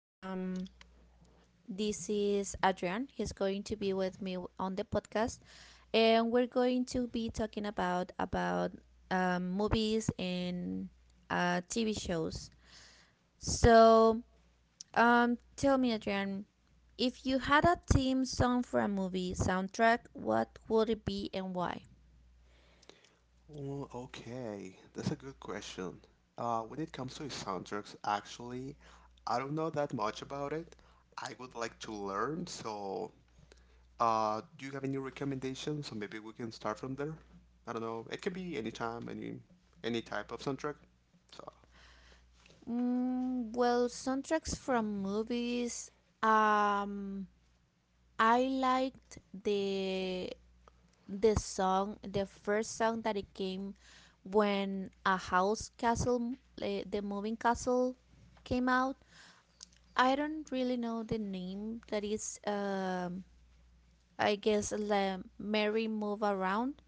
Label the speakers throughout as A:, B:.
A: This is Adrian. He's going to be with me on the podcast, and we're going to be talking about movies and TV shows. So, tell me, Adrian, if you had a theme song for a movie soundtrack, what would it be and why?
B: Okay, that's a good question. When it comes to soundtracks, actually, I don't know that much about it. I would like to learn, so do you have any recommendations? So maybe we can start from there. I don't know. It can be any time, any type of soundtrack. So,
A: Well, soundtracks from movies. Um I liked the song, the first song that it came when a house castle, the moving castle, came out. I don't really know the name. That is, I guess, Mary Move Around,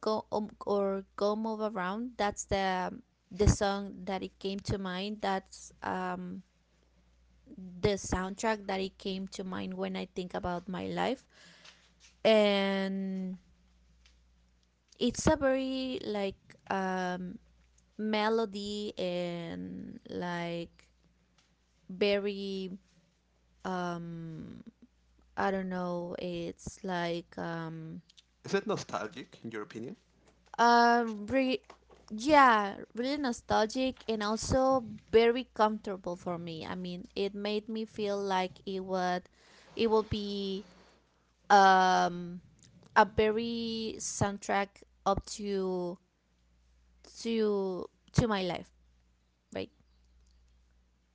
A: go or Go Move Around. That's the song that it came to mind. That's the soundtrack that it came to mind when I think about my life, and it's a very, like, um melody, and like, very, um I don't know, it's like
B: is it nostalgic in your opinion?
A: uh re- yeah, really nostalgic, and also very comfortable for me. I mean, it made me feel like it will be um a very soundtrack up to to my life, right?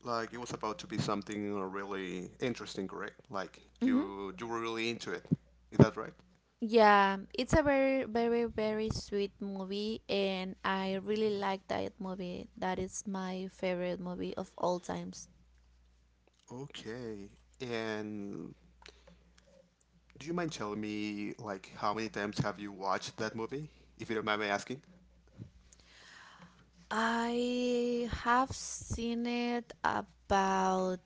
B: Like it was about to be something really interesting, correct? Like
A: Hmm.
B: you were really into it. Is that right?
A: Yeah, it's a very, very, very sweet movie, and I really like that movie. That is my favorite movie of all times.
B: Okay. And do you mind telling me like how many times have you watched that movie? If you don't mind me asking.
A: I have seen it about,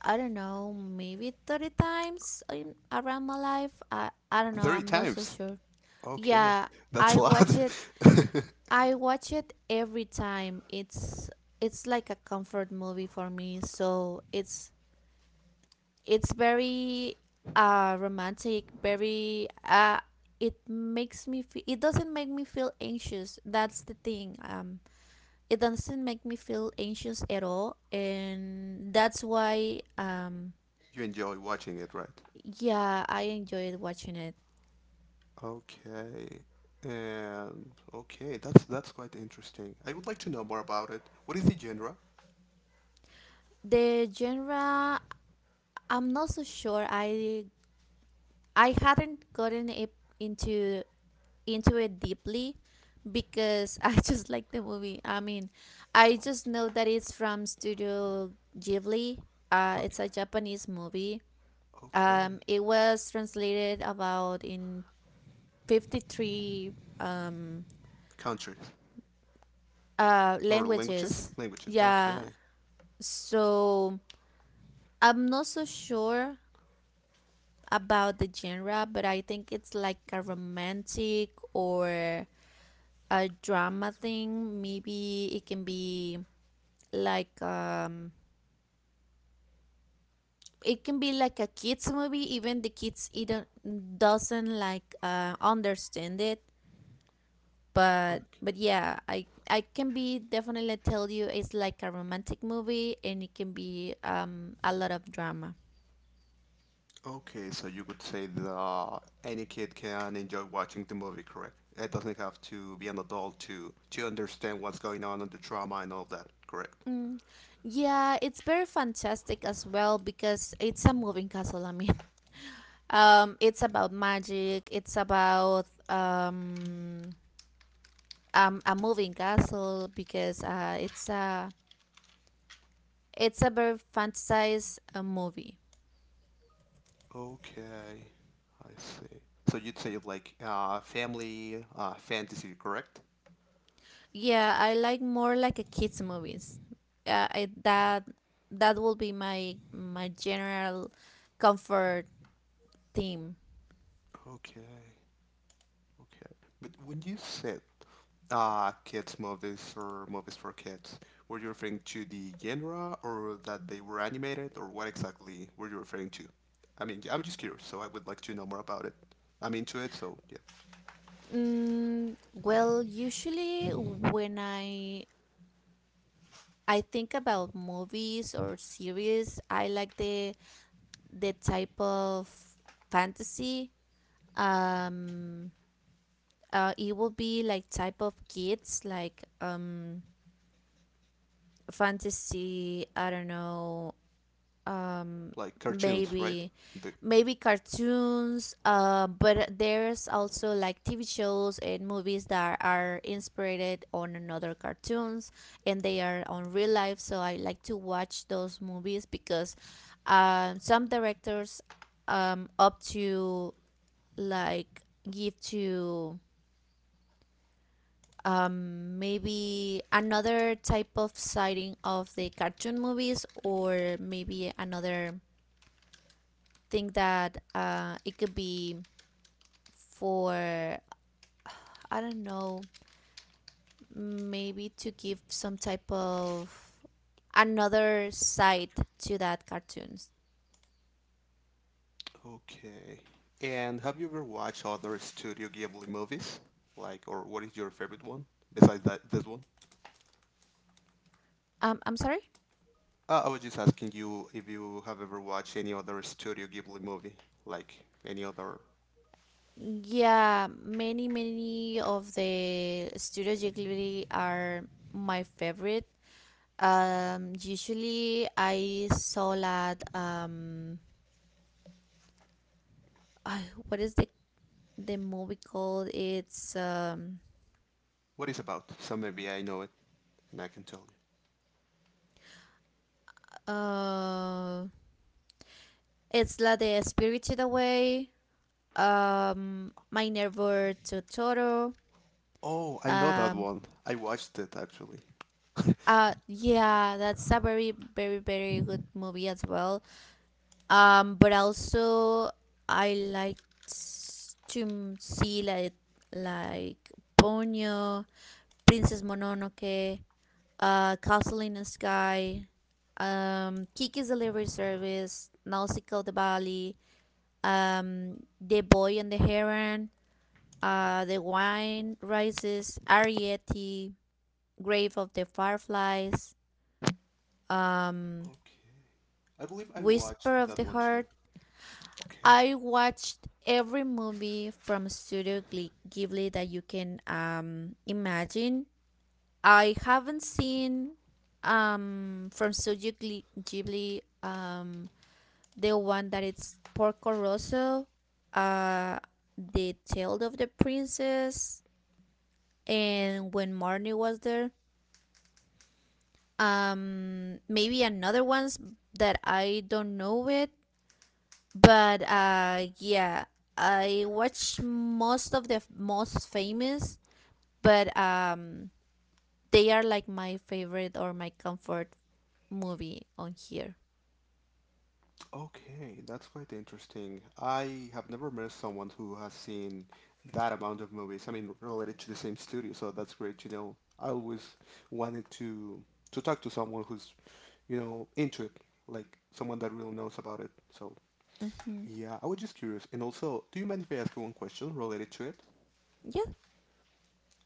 A: I don't know, maybe 30 times in around my life. I don't know,
B: 30
A: I'm not so
B: times.
A: sure.
B: Okay.
A: Yeah,
B: That's a
A: I
B: lot.
A: watch it. I watch it every time. It's like a comfort movie for me, so it's very romantic, very, it doesn't make me feel anxious, that's the thing. It doesn't make me feel anxious at all, and that's why,
B: You enjoy watching it, right?
A: yeah, I enjoyed watching it.
B: Okay. And okay, that's quite interesting. I would like to know more about it. What is the genre?
A: The genre, I'm not so sure, I hadn't gotten it into into it deeply, because I just like the movie. I mean, I just know that it's from Studio Ghibli.
B: Okay.
A: It's a Japanese movie.
B: Okay.
A: It was translated about in 53 um,
B: Countries or languages?
A: languages.
B: Languages.
A: Yeah.
B: Okay.
A: So I'm not so sure about the genre, but I think it's like a romantic or a drama thing. Maybe it can be like um it can be like a kids movie, even the kids even doesn't like understand it, but yeah, I can be definitely tell you it's like a romantic movie, and it can be a lot of drama.
B: Okay, so you could say that any kid can enjoy watching the movie, correct? It doesn't have to be an adult to understand what's going on and the trauma and all that, correct?
A: Mm, yeah, it's very fantastic as well because it's a moving castle. I mean, it's about magic. It's about a moving castle, because it's a very fantasized movie.
B: Okay, I see. So you'd say like family fantasy, correct?
A: Yeah, I like more like a kids movies. I, that That will be my general comfort theme.
B: Okay. Okay. But when you said kids movies or movies for kids, were you referring to the genre or that they were animated or what exactly were you referring to? I mean, I'm just curious, so I would like to know more about it. I'm into it, so yeah.
A: Mm, well, usually when I think about movies or series, I like the type of fantasy. Um, it will be like type of kids, like fantasy, I don't know. um
B: Like cartoons, right?
A: maybe
B: The
A: maybe cartoons, but there's also like TV shows and movies that are inspired on another cartoons, and they are on real life, so I like to watch those movies because some directors up to like give to, maybe another type of sighting of the cartoon movies, or maybe another thing that it could be for, I don't know, maybe to give some type of another side to that cartoons.
B: Okay. And have you ever watched other Studio Ghibli movies? Like, or what is your favorite one besides that this one?
A: I'm sorry?
B: I was just asking you if you have ever watched any other Studio Ghibli movie, like any other.
A: Yeah, many, many of the Studio Ghibli are my favorite. Usually I saw that, I, what is the movie called?
B: What is about? So maybe I know it, and I can tell you.
A: Uh, it's La de Spirited Away. My Neighbor Totoro.
B: Oh, I know that
A: Um,
B: one. I watched it actually.
A: yeah, that's a very, very, very good movie as well. But also I liked to see like Ponyo, Princess Mononoke, Castle in the Sky, Kiki's Delivery Service, Nausicaa of the Valley, The Boy and the Heron, The Wine Rises, Arietti, Grave of the Fireflies, um,
B: Okay. I believe I
A: Whisper
B: watched
A: of
B: that
A: the
B: one too.
A: Heart.
B: Okay.
A: I watched every movie from Studio Ghibli that you can, imagine. I haven't seen, from Studio Ghibli, the one that it's Porco Rosso, uh, the Tale of the Princess, and when Marnie was there. Maybe another ones that I don't know it, but yeah, I watch most of most famous, but they are like my favorite or my comfort movie on here.
B: Okay, that's quite interesting. I have never met someone who has seen that amount of movies. I mean, related to the same studio, so that's great. You know, I always wanted to talk to someone who's, you know, into it, like someone that really knows about it. So,
A: Mm-hmm.
B: yeah, I was just curious. And also, do you mind if I ask you one question related to it?
A: Yeah.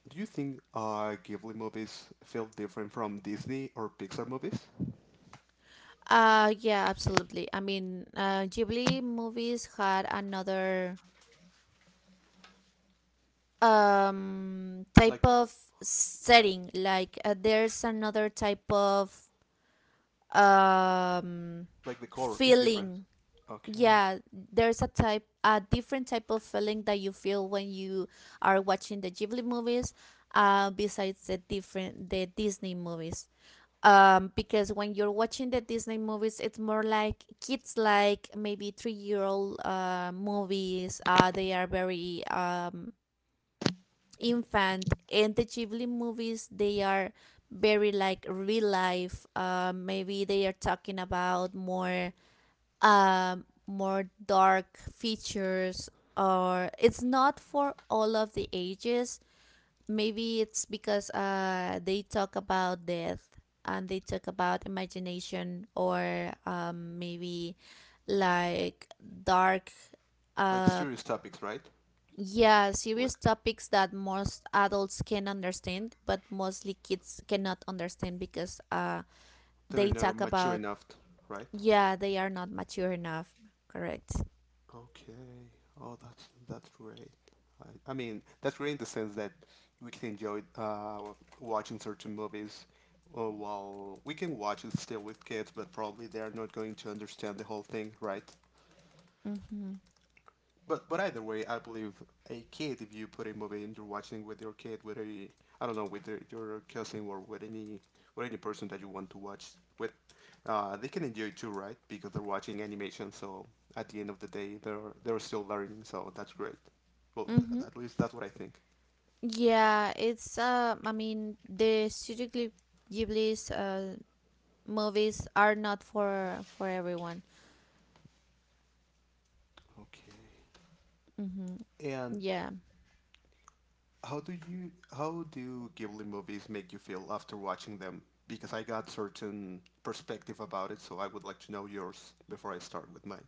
B: Do you think Ghibli movies feel different from Disney or Pixar movies?
A: Yeah, absolutely. I mean, Ghibli movies had another
B: Like, the
A: type
B: c-
A: of setting. Like, there's another type of um
B: like the core is different.
A: feeling.
B: Okay.
A: Yeah, there's a different type of feeling that you feel when you are watching the Ghibli movies. Besides the Disney movies. Because when you're watching the Disney movies, it's more like kids, like maybe 3 year old movies, they are very infant, and the Ghibli movies, they are very like real life. Maybe they are talking about more dark features, or it's not for all of the ages. Maybe it's because they talk about death, and they talk about imagination, or maybe like dark
B: Like
A: uh
B: serious topics, right?
A: yeah,
B: Like
A: serious topics that most adults can understand, but mostly kids cannot understand because,
B: they're
A: they
B: not
A: talk
B: mature
A: about
B: enough, right?
A: yeah, they are not mature enough, correct.
B: Okay. Oh, that's great. I mean, that's great in the sense that we can enjoy watching certain movies. While we can watch it still with kids, but probably they're not going to understand the whole thing, right?
A: Mm-hmm.
B: But either way, I believe a kid, if you put a movie and you're watching with your kid, with a I don't know, with your cousin or with any person that you want to watch with, they can enjoy it too, right? Because they're watching animation, so at the end of the day, they're still learning, so that's great. Well,
A: Mm-hmm.
B: at least that's what I think.
A: Yeah, it's, I mean, the studio Ghibli's movies are not for everyone.
B: Okay.
A: Hmm.
B: And
A: Yeah.
B: how do you how do Ghibli movies make you feel after watching them? Because I got certain perspective about it, so I would like to know yours before I start with mine.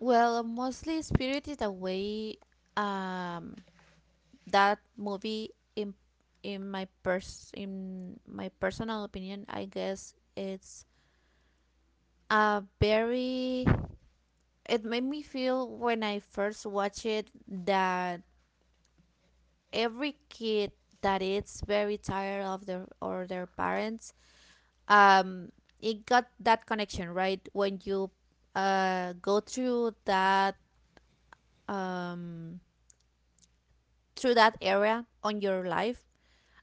A: Well, mostly Spirited Away. Um, that movie, in my pers in my personal opinion, I guess it's a very. It made me feel when I first watched it that every kid that is very tired of their or their parents, um it got that connection right when you go um through that area on your life,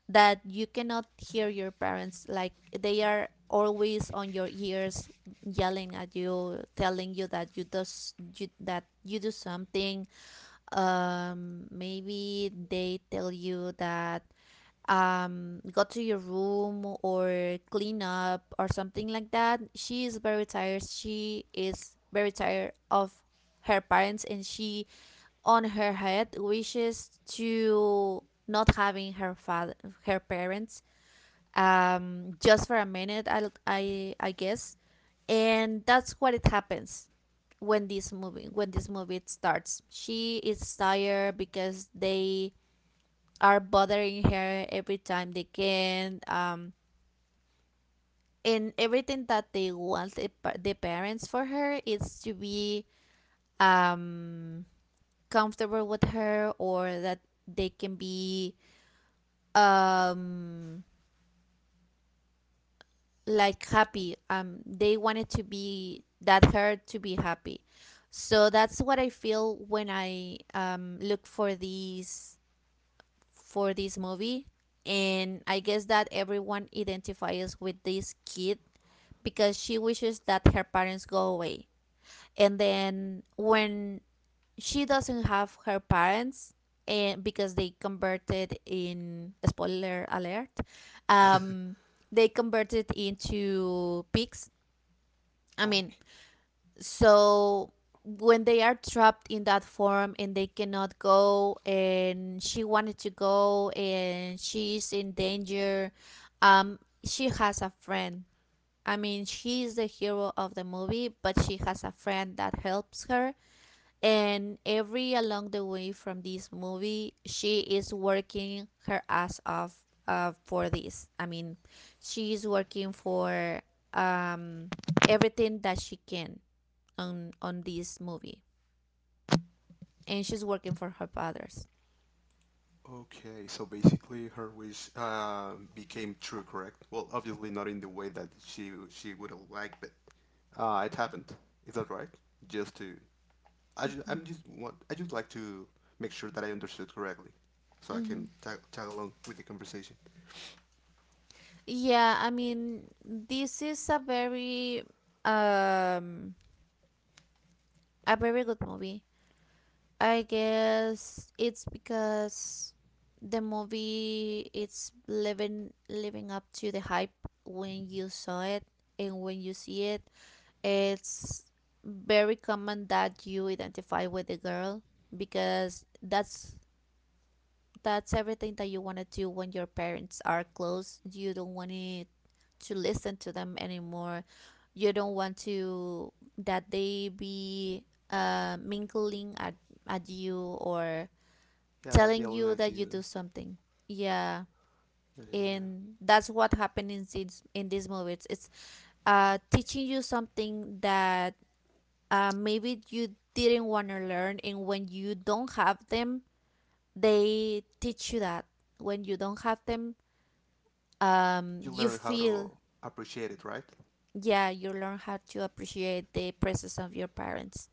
A: that you cannot hear your parents, like they are always on your ears yelling at you, telling you that that you do something. Maybe they tell you that, go to your room or clean up or something like that. She is very tired of her parents, and she on her head wishes to not having her parents, just for a minute, I guess. And that's what it happens when this movie starts. She is tired because they are bothering her every time they can. And everything that they want, the parents for her, is to be, um comfortable with her, or that they can be, um like happy. They wanted to be that her to be happy. So that's what I feel when I, look for these for this movie, and I guess that everyone identifies with this kid, because she wishes that her parents go away. And then, when she doesn't have her parents, and because they converted in, spoiler alert, um they converted into pigs, I mean.
B: Okay,
A: So when they are trapped in that form and they cannot go, and she wanted to go, and she's in danger, she has a friend. I mean, she's the hero of the movie, but she has a friend that helps her. And every along the way from this movie, she is working her ass off, for this, I mean, she is working for um everything that she can on this movie, and she's working for her fathers.
B: okay. So basically, her wish became true, correct? Well, obviously not in the way that she would have liked, but it happened. Is that right? Just to, I just I'm just want I just like to make sure that I understood correctly, so I
A: Hmm.
B: can tag along with the conversation.
A: Yeah, I mean, this is a very, um a very good movie. I guess it's because the movie it's living up to the hype when you saw it, and when you see it, it's very common that you identify with the girl, because that's everything that you want to do when your parents are close. You don't want it to listen to them anymore. You don't want to that they be, mingling at you, or
B: Yeah,
A: telling
B: yelling
A: you
B: at
A: that you do
B: you.
A: something. Yeah,
B: Yeah, yeah.
A: and
B: yeah.
A: that's what happened in this movie. It's teaching you something that, maybe you didn't want to learn, and when you don't have them, they teach you that when you don't have them,
B: You
A: you
B: learn how
A: feel,
B: to appreciate it, right?
A: yeah, you learn how to appreciate the presence of your parents.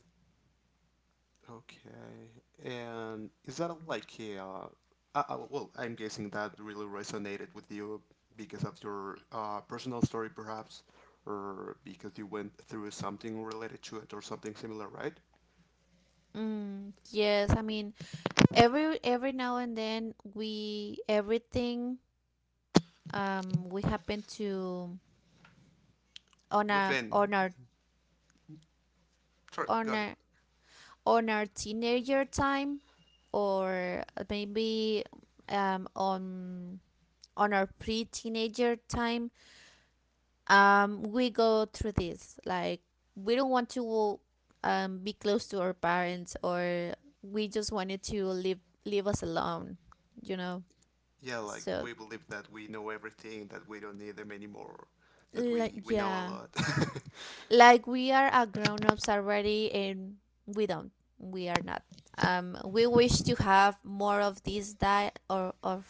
B: Okay. And is that like a, well, I'm guessing that really resonated with you because of your personal story, perhaps, or because you went through something related to it or something similar, right?
A: Yes, I mean, every now and then we happen to,
B: Within.
A: on our,
B: Sorry,
A: on
B: go ahead.
A: our on our teenager time, or maybe, um on on our pre-teenager time, we go through this, like we don't want to, be close to our parents, or we just wanted to leave us alone you know
B: Yeah, like
A: so,
B: we believe that we know everything, that we don't need them anymore, that
A: like,
B: we know a
A: yeah,
B: lot.
A: like we are a grown-ups already, and we don't we are not, we wish to have more of this diet, or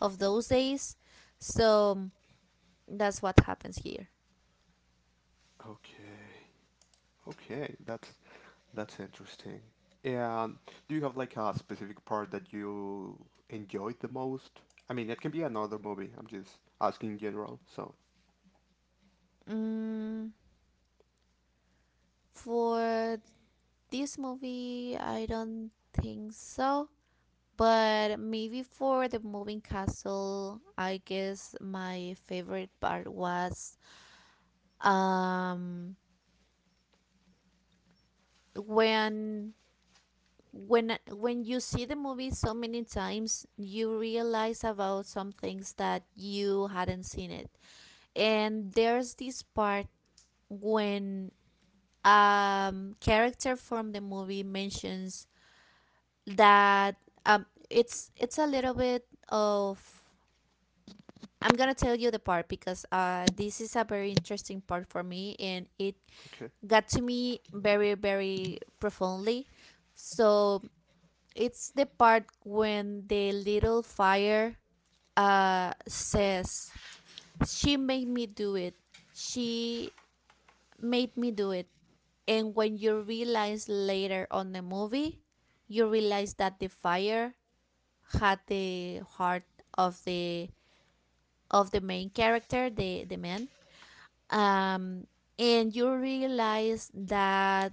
A: of those days. So that's what happens here.
B: Okay. Okay, that's interesting. And do you have like a specific part that you enjoyed the most? I mean, it can be another movie. I'm just asking in general. So,
A: Mm, for this movie, I don't think so. But maybe for the moving castle, I guess my favorite part was um when when you see the movie so many times, you realize about some things that you hadn't seen it. And there's this part when character from the movie mentions that it's a little bit of I'm gonna tell you the part because this is a very interesting part for me and it
B: okay.
A: got to me very very profoundly. So it's the part when the little fire says she made me do it. She made me do it. And when you realize later on the movie, you realize that the fire had the heart of the of the main character, the man. Um, and you realize that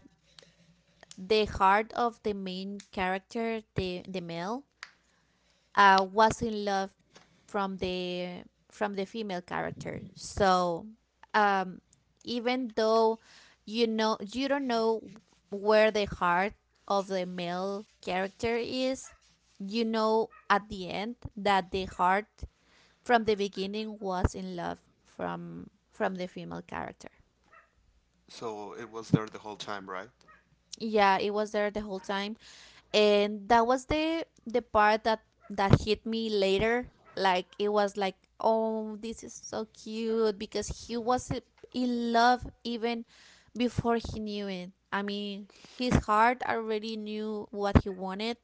A: the heart of the main character, the male, was in love from the from the female character. Um, even though you don't know where the heart of the male character is, you know at the end that the heart from the beginning was in love from the female character.
B: So it was there the whole time, right?
A: Yeah, it was there the whole time, and that was the part that that hit me later. Like it was like, oh, this is so cute because he was in love even before he knew it. I mean, his heart already knew what he wanted,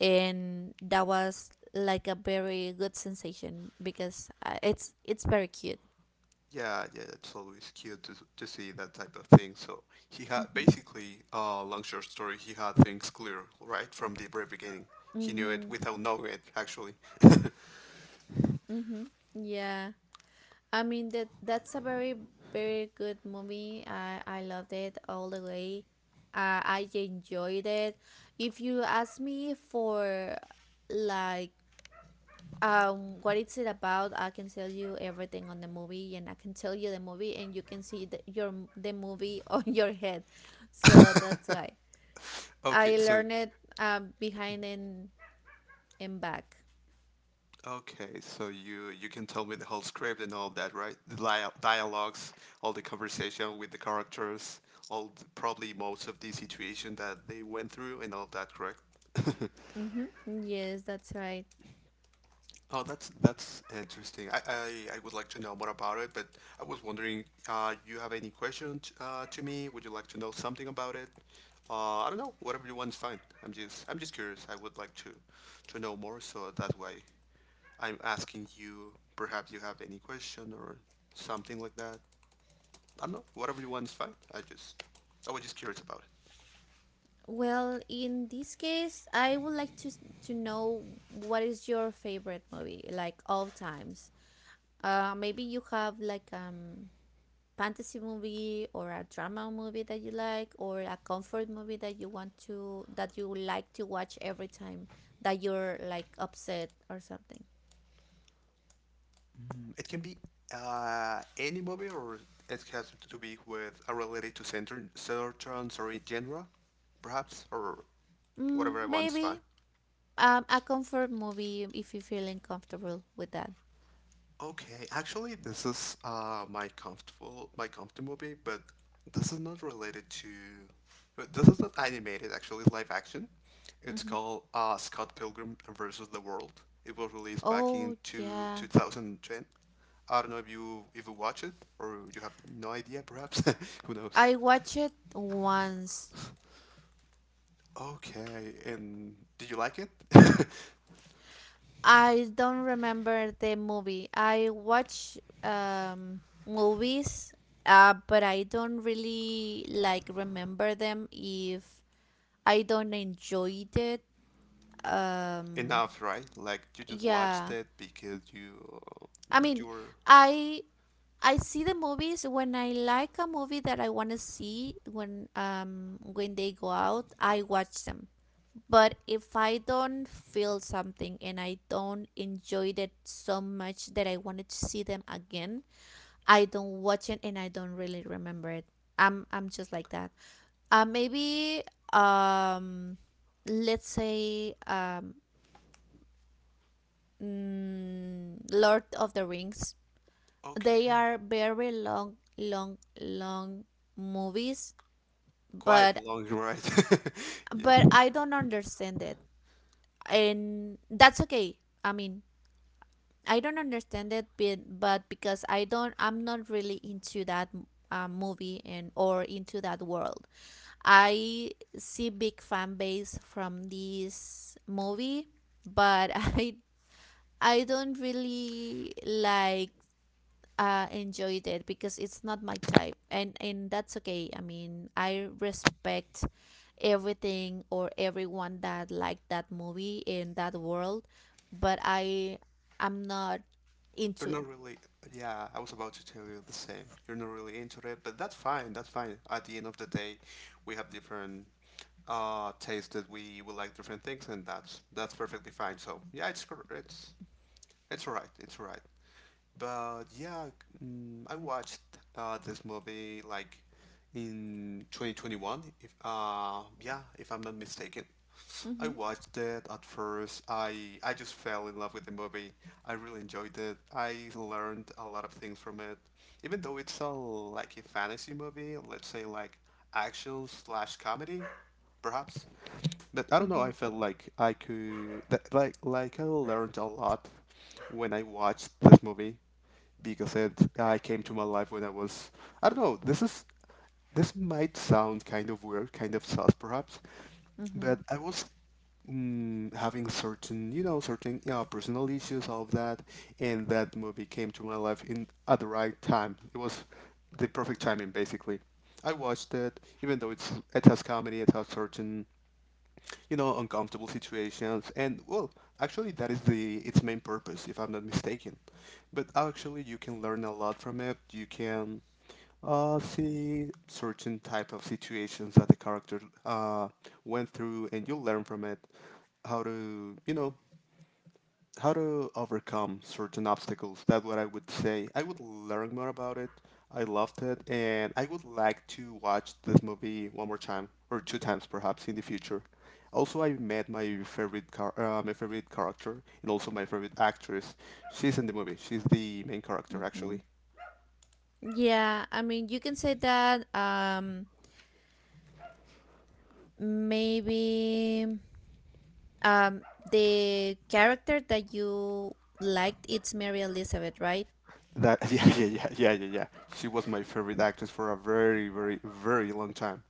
A: and that was like a very good sensation because it's very cute.
B: Yeah, yeah, it's always cute to see that type of thing. So he had
A: Hmm.
B: basically, long short story, he had things clear right from the very beginning. He knew it
A: Hmm.
B: without knowing it, actually.
A: Mm-hmm. Yeah. I mean that's a very very good movie. I loved it all the way. I enjoyed it. If you ask me for like what is it about, I can tell you everything on the movie and I can tell you the movie and you can see the, your the movie on your head. So that's why
B: Okay,
A: I
B: so
A: learned it behind and back.
B: Okay, so you can tell me the whole script and all of that, right? The dialogues, all the conversation with the characters, all the, probably most of the situation that they went through and all of that, correct?
A: Mm-hmm. Yes, that's right.
B: Oh, that's interesting. I would like to know more about it, but I was wondering, you have any questions to me? Would you like to know something about it? I don't know. Whatever you want's fine. I'm just curious. I would like to know more, so that's why I'm asking you, perhaps you have any question or something like that. I don't know. Whatever you want is fine. I was just curious about it.
A: Well, in this case, I would like to know what is your favorite movie, like all times. Maybe you have like fantasy movie or a drama movie that you like, or a comfort movie that you want to that you like to watch every time that you're like upset or something.
B: It can be any movie, or it has to be with a related to certain sorry genre, perhaps, or
A: Mm,
B: whatever I want is fine.
A: maybe um a comfort movie if you're feeling comfortable with that.
B: Okay, actually, this is my comfort movie, but this is not related to. But This is not animated. Actually, it's live action. It's
A: Hmm.
B: called Scott Pilgrim versus the World. It was released back in
A: Oh yeah,
B: 2010. I don't know if you watch it or you have no idea, perhaps. Who knows?
A: I watched it once.
B: Okay, and did you like it?
A: I don't remember the movie. I watch movies, but I don't really like remember them if I don't enjoy it. Um,
B: Enough, right? Like you just watched
A: yeah,
B: it because you
A: I
B: you
A: mean,
B: were
A: I I see the movies when I like a movie that I want to see when they go out. I watch them. But if I don't feel something and I don't enjoy it so much that I wanted to see them again, I don't watch it and I don't really remember it. I'm just like that. Maybe um, let's say Lord of the Rings. They
B: okay.
A: are very long, long, long movies,
B: Quite a
A: but
B: long, right? Yeah.
A: but I don't understand it, and that's okay. I mean, I don't understand it, but because I don't, I'm not really into that movie and or into that world. I see big fan base from this movie, but I don't really like enjoyed it because it's not my type, and that's okay. I mean, I respect everything or everyone that liked that movie in that world, but I'm not into
B: You're
A: it.
B: not really, Yeah, I was about to tell you the same. You're not really into it, but that's fine, that's fine. At the end of the day, we have different tastes that we will like different things and that's perfectly fine. So, yeah, it's right. It's right. But yeah, I watched this movie like in 2021. If yeah, if I'm not mistaken, I
A: Mhm.
B: watched it at first. I just fell in love with the movie. I really enjoyed it. I learned a lot of things from it, even though it's a like a fantasy movie. Let's say like action slash comedy perhaps. But I don't know.
A: Mhm.
B: I felt like like I learned a lot when I watched this movie because it I came to my life when I was I don't know. This is this might sound kind of weird, kind of sus perhaps, but
A: Mhm.
B: I was having certain, you know, personal issues, all of that, and that movie came to my life in at the right time. It was the perfect timing, basically. I watched it, even though it has comedy, it has certain you know, uncomfortable situations. And well, actually, that is the its main purpose, if I'm not mistaken. But actually, you can learn a lot from it. You can see certain type of situations that the character uh, went through, and you learn from it how to, you know, how to overcome certain obstacles. That's what I would say. I would learn more about it. I loved it, and I would like to watch this movie one more time or two times perhaps in the future. Also, I met my favorite character and also my favorite actress. She's in the movie. She's the main character
A: Mhm.
B: actually.
A: Yeah, I mean, you can say that maybe um the character that you liked it's Mary Elizabeth, right?
B: That yeah, yeah, yeah, yeah, yeah, yeah. She was my favorite actress for a very, very, very long time.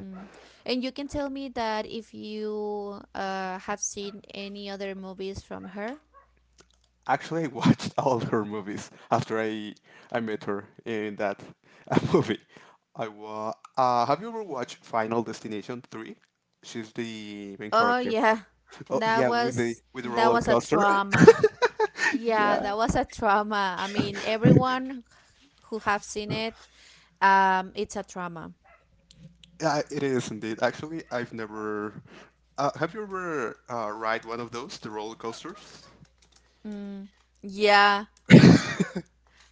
A: Mm. And you can tell me that if you have seen any other movies from her.
B: Actually, I watched all her movies after I met her in that movie. I wa have you ever watched Final Destination 3? She's the main
A: Oh
B: character.
A: yeah.
B: Oh yeah, with the
A: That
B: roller
A: was a
B: coaster.
A: trauma. Yeah,
B: Yeah.
A: that was a trauma. I mean, everyone who have seen it, it's a trauma.
B: Yeah, it is indeed. Actually, I've never have you ever ride one of those, the roller coasters?
A: Mm, yeah,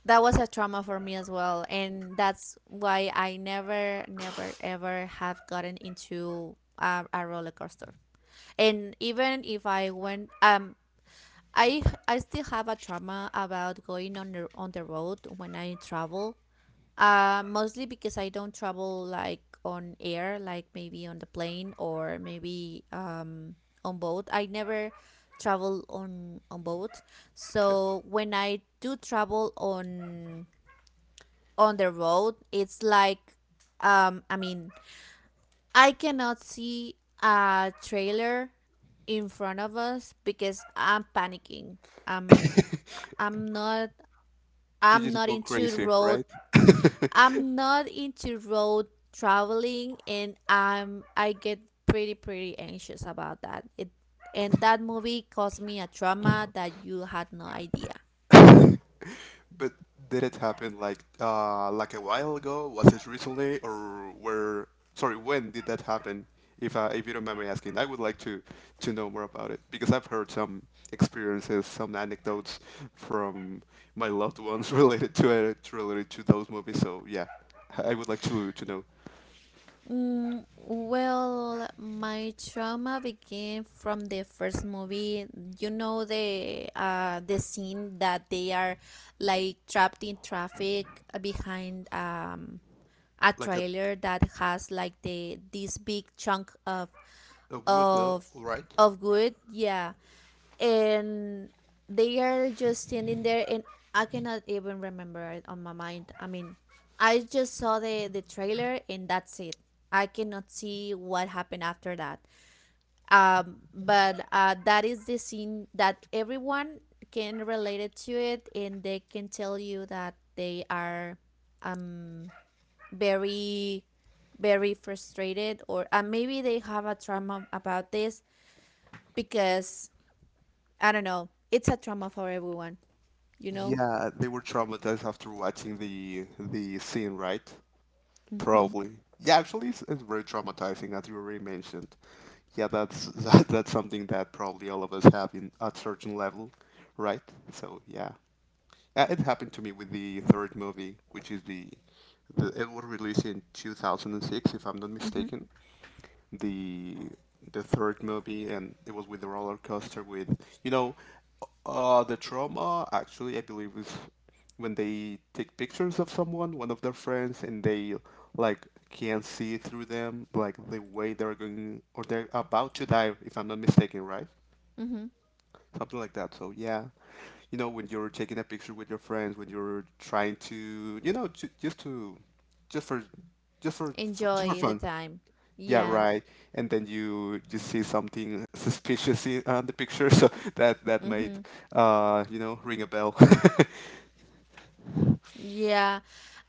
A: that was a trauma for me as well, and that's why I never, never, ever have gotten into a roller coaster. And even if I went, I I still have a trauma about going on the road when I travel mostly because I don't travel like on air, like maybe on the plane or maybe on boat. I never travel on boat.
B: Okay.
A: So when I do travel on the road, it's like I mean, I cannot see a trailer in front of us because I'm panicking. I'm I'm not
B: You
A: I'm
B: just
A: not
B: go
A: into
B: crazy,
A: road.
B: right?
A: I'm not into road traveling, and I'm I get pretty pretty anxious about that. It and that movie caused me a trauma that you had no idea.
B: But did it happen like a while ago? Was it recently or where sorry, when did that happen? If you don't mind me asking, I would like to know more about it because I've heard some experiences, some anecdotes from my loved ones related to it, related to those movies. So yeah, I would like to know.
A: Mm, well, my trauma began from the first movie. You know the scene that they are like trapped in traffic behind a
B: Like
A: trailer that has like the this big chunk
B: a wood, no?
A: of
B: Right?
A: of wood, yeah, and they are just standing there, and I cannot even remember it on my mind. I mean, I just saw the trailer and that's it. I cannot see what happened after that. But that is the scene that everyone can relate it to it, and they can tell you that they are um very very frustrated or maybe they have a trauma about this because I don't know, it's a trauma for everyone, you know.
B: Yeah, they were traumatized after watching the scene, right?
A: Mm-hmm.
B: Probably. Yeah, actually, it's very traumatizing, as you already mentioned. Yeah, that's that's something that probably all of us have in at certain level, right? So, it happened to me with the third movie, which is the it was released in 2006, if I'm not
A: Mm-hmm.
B: mistaken the the third movie, and it was with the roller coaster. With you know, the trauma actually, I believe is when they take pictures of someone, one of their friends, and they like can't see through them, like the way they're going or they're about to die, if I'm not mistaken, right?
A: Mm-hmm.
B: Something like that. So yeah, when you're taking a picture with your friends, when you're trying to, you know, ju- just to, just for just for
A: Enjoy the
B: fun.
A: time,
B: Yeah,
A: yeah.
B: right. And then you see something suspicious in the picture, so that might
A: Mm-hmm.
B: ring a bell.
A: Yeah,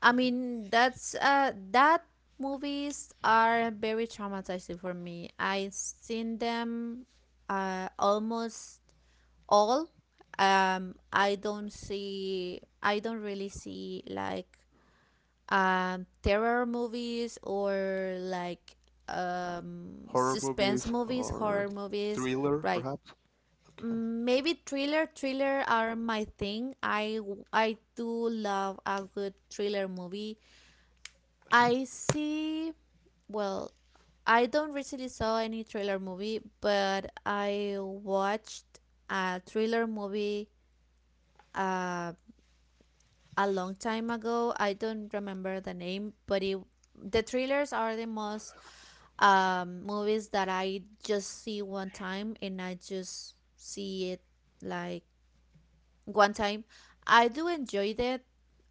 A: I mean that's that movies are very traumatizing for me. I've seen them almost all. I don't see, I don't really see like terror movies or like
B: Horror
A: suspense
B: movies
A: movies,
B: or
A: horror movies,
B: thriller,
A: right.
B: perhaps. Okay.
A: Maybe thriller are my thing. I do love a good thriller movie. I see. Well, I don't recently saw any thriller movie, but I watched a thriller movie. Um. A long time ago. I don't remember the name, but it, the thrillers are the most movies that I just see one time and I just see it like one time. I do enjoy that.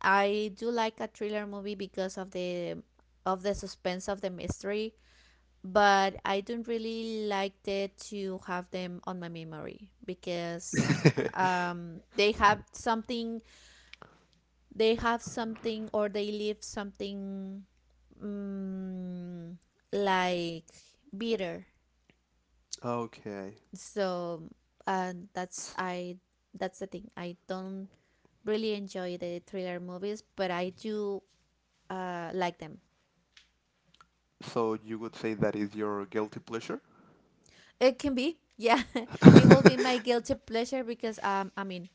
A: I do like a thriller movie because of the suspense of the mystery, but I don't really like it to have them on my memory because um, they have something they have something or they leave something mm, like bitter.
B: Okay.
A: So and that's I that's the thing. I don't really enjoy the thriller movies, but I do like them.
B: So you would say that is your guilty pleasure,
A: It can be, yeah, it will be my guilty pleasure because I mean,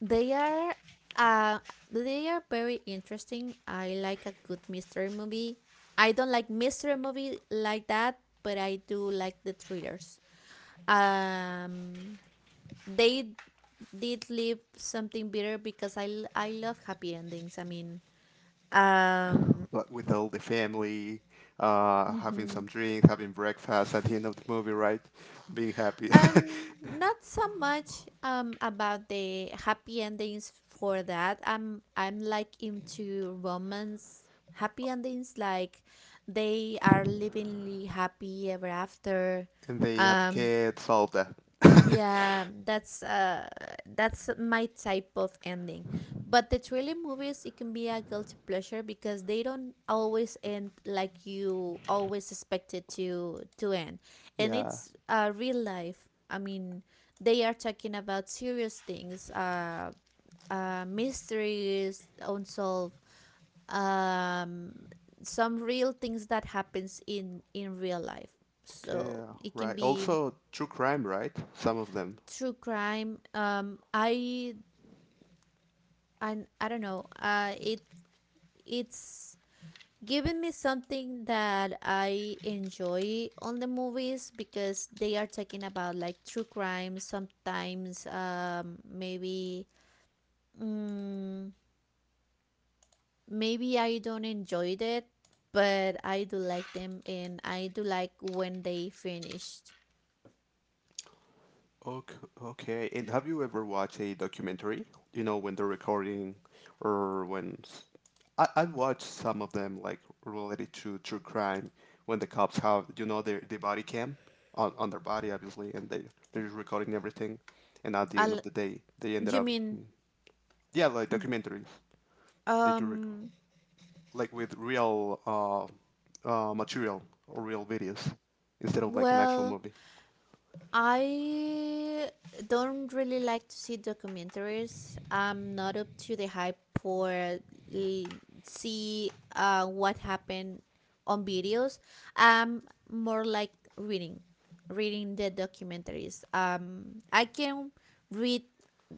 A: they are uh they are very interesting. I like a good mystery movie. I don't like mystery movie like that, but I do like the thrillers. Um they did leave something bitter because I love happy endings. I mean, um.
B: like with all the family, having some drinks, having breakfast at the end of the movie, right? Being happy,
A: And not so much about the happy endings for that. I'm like into romance happy endings like they are livingly happy ever after.
B: and they have
A: Um
B: kids, all that.
A: yeah, that's my type of ending. But the thriller movies it can be a guilty pleasure because they don't always end like you always expect it to end. And
B: Yeah.
A: it's real life. I mean, they are talking about serious things, mysteries, unsolved, um some real things that happens in real life.
B: Okay.
A: So it can
B: Right.
A: be.
B: Also, true crime, right? Some of them.
A: True crime, I don't know, it it's given me something that I enjoy on the movies because they are talking about like true crime sometimes. Mm, maybe I don't enjoy it, but I do like them and I do like when they finished.
B: Okay, okay. And have you ever watched a documentary? You know, when they're recording or when s- I watched some of them like related to true crime when the cops have, you know, their, the body cam on their body, obviously, and they, they're recording everything. And at the end
A: I
B: of the day, they ended
A: You
B: up,
A: mean
B: yeah, like documentaries that you record,
A: um
B: like with real material or real videos instead of like an actual
A: well,
B: movie
A: I don't really like to see documentaries. I'm not up to the hype for see what happened on videos. I'm more like reading, reading the documentaries. I can read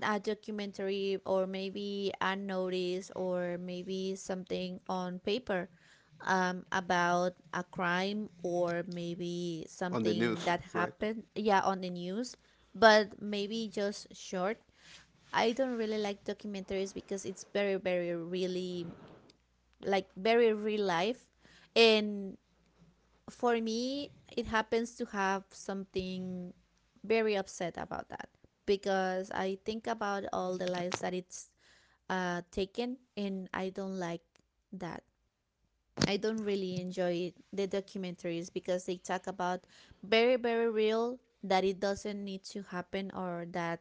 A: a documentary or maybe a notice or maybe something on paper about a crime or maybe
B: on the
A: something
B: news,
A: that
B: right?
A: happened, yeah, on the news, but maybe just short. I don't really like documentaries because it's very very really like very real life, and for me it happens to have something very upset about that because I think about all the lives that it's taken and I don't like that. I don't really enjoy it, the documentaries, because they talk about very very real that it doesn't need to happen or that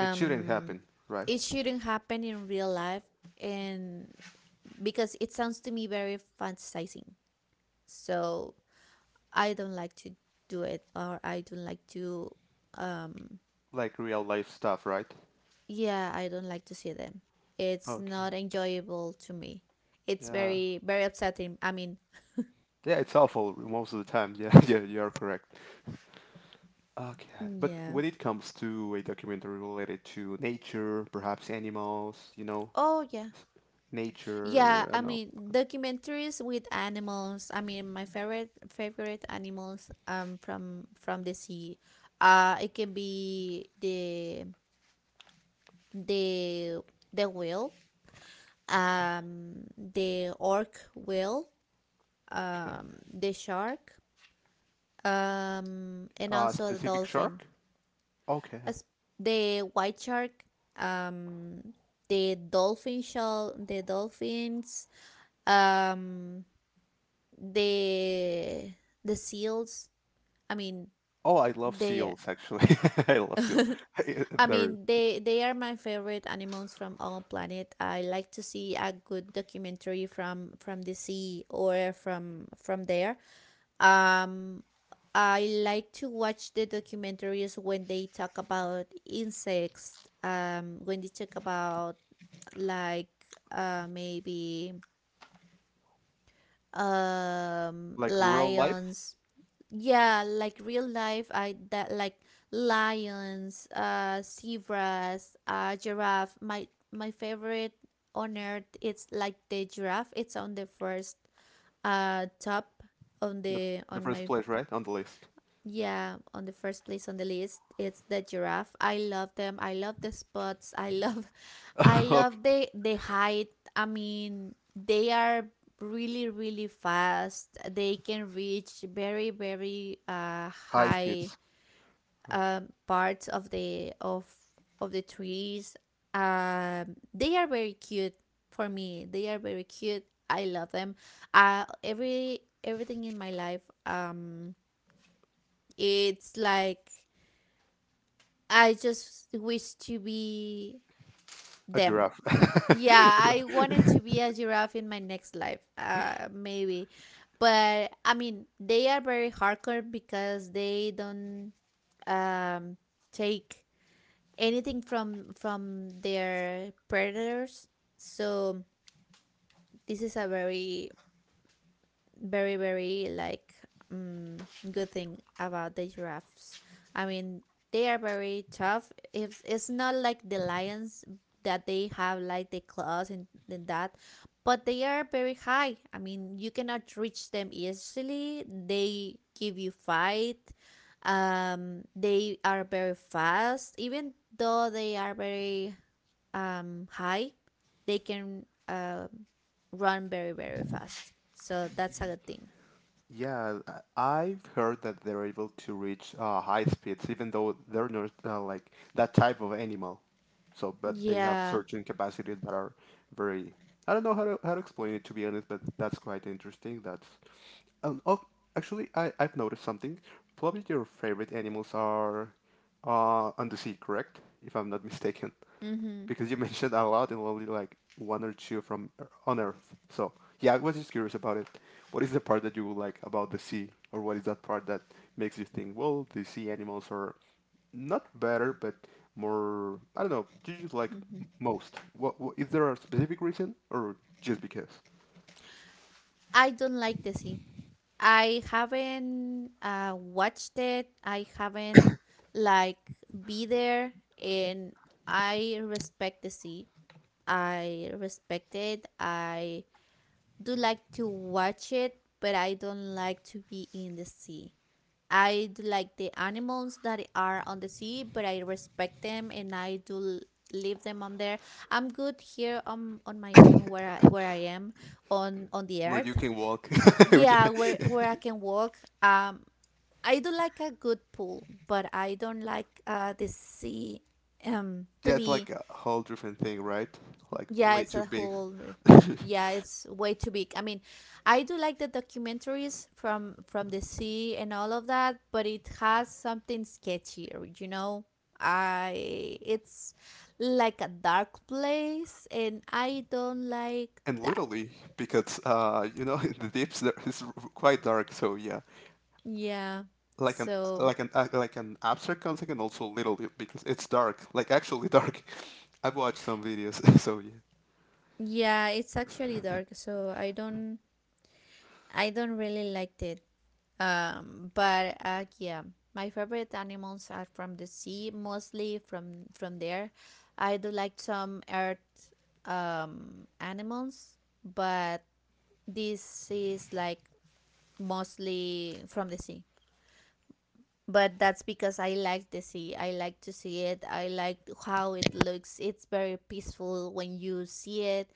B: It shouldn't happen, right?
A: it shouldn't happen in real life. And because it sounds to me very fantasizing. So I don't like to do it or I don't like to um
B: Like real life stuff, right?
A: yeah, I don't like to see them. It's
B: Okay.
A: not enjoyable to me. It's
B: Yeah.
A: very very upsetting. I mean,
B: Yeah, it's awful most of the time. Yeah, yeah, you're correct. Okay. But
A: yeah.
B: when it comes to a documentary related to nature, perhaps animals, you know,
A: Oh yeah.
B: s-
A: Yeah,
B: nature, I
A: I
B: know.
A: mean documentaries with animals. I mean my favorite favorite animals from the sea. It can be the the whale,
B: Okay.
A: the orc whale,
B: Okay.
A: the shark, and also the
B: Specific
A: dolphin.
B: shark? Okay.
A: As the white shark, um the dolphin shell, the dolphins, um the the seals. I mean
B: Oh, I love
A: they
B: seals actually. I love seal.
A: i
B: They're
A: they are my favorite animals from all planet. I like to see a good documentary from the sea or from there. um I like to watch the documentaries when they talk about insects, when they talk about, like, maybe,
B: like rural life,
A: lions. Yeah, like real life, I that like lions, zebras, giraffe. My favorite on earth it's like the giraffe. It's on the first, top, on
B: the,
A: the
B: the
A: on
B: first
A: my
B: place, right? On the list.
A: yeah, on the first place on the list, it's the giraffe. I love them. I love the spots. I love. I
B: Okay.
A: love the height. I mean, they are really really fast. They can reach very very,
B: High
A: high,
B: speeds.
A: parts of the trees. They are very cute for me. They are very cute. I love them. Everything in my life, it's like I just wish to be
B: A
A: them.
B: giraffe.
A: Yeah, I wanted to be a giraffe in my next life, maybe. But I mean, they are very hardcore because they don't, um, take anything from their predators. So this is a very very very, like, good thing about the giraffes. I mean, they are very tough. It's not like the lions that they have, like, the claws, and that, but they are very high. I mean, you cannot reach them easily. They give you fight. They are very fast, even though they are very, high, they can, run very very fast. So that's a good thing.
B: Yeah, I- I've heard that they're able to reach high speeds, even though they're not like that type of animal. So, but they have
A: Yeah.
B: certain capacities that are very. I don't know how to explain it to be honest, but that's quite interesting. That's oh, actually, I I've noticed something. Probably your favorite animals are on the sea, correct? If I'm not mistaken.
A: Mhm.
B: Because you mentioned out loud and only like one or two from Ear- on Earth. So yeah, I was just curious about it. What is the part that you like about the sea, or what is that part that makes you think, well, the sea animals are not better, but more I don't know. You just like
A: Mhm.
B: m- most. What is there a specific reason, or just because?
A: I don't like the sea. I haven't, watched it. I haven't, like, be there, and I respect the sea. I respect it. I do like to watch it, but I don't like to be in the sea. I do like the animals that are on the sea, but I respect them and I do leave them on there. I'm good here on my own where I am on the
B: Where
A: earth.
B: you can walk. yeah.
A: Yeah, where I can walk. I do like a good pool, but I don't like the sea, to
B: Yeah, it's like
A: be.
B: a whole different thing, right? Like
A: Yeah, it's
B: way
A: a
B: too big.
A: whole. Yeah, it's way too big. I mean, I do like the documentaries from the sea and all of that, but it has something sketchier. I it's like a dark place, and I don't like
B: and
A: that.
B: literally because the deeps there is quite dark so yeah
A: Yeah.
B: like an
A: So
B: like an abstract concept and also literally because it's dark like actually dark. I've watched some videos so yeah.
A: yeah, it's actually dark. So I don't really liked it. But yeah, my favorite animals are from the sea, mostly from there. I do like some earth, animals, but this is, like, mostly from the sea. But that's because I like the sea. I like to see it. I like how it looks. It's very peaceful when you see it.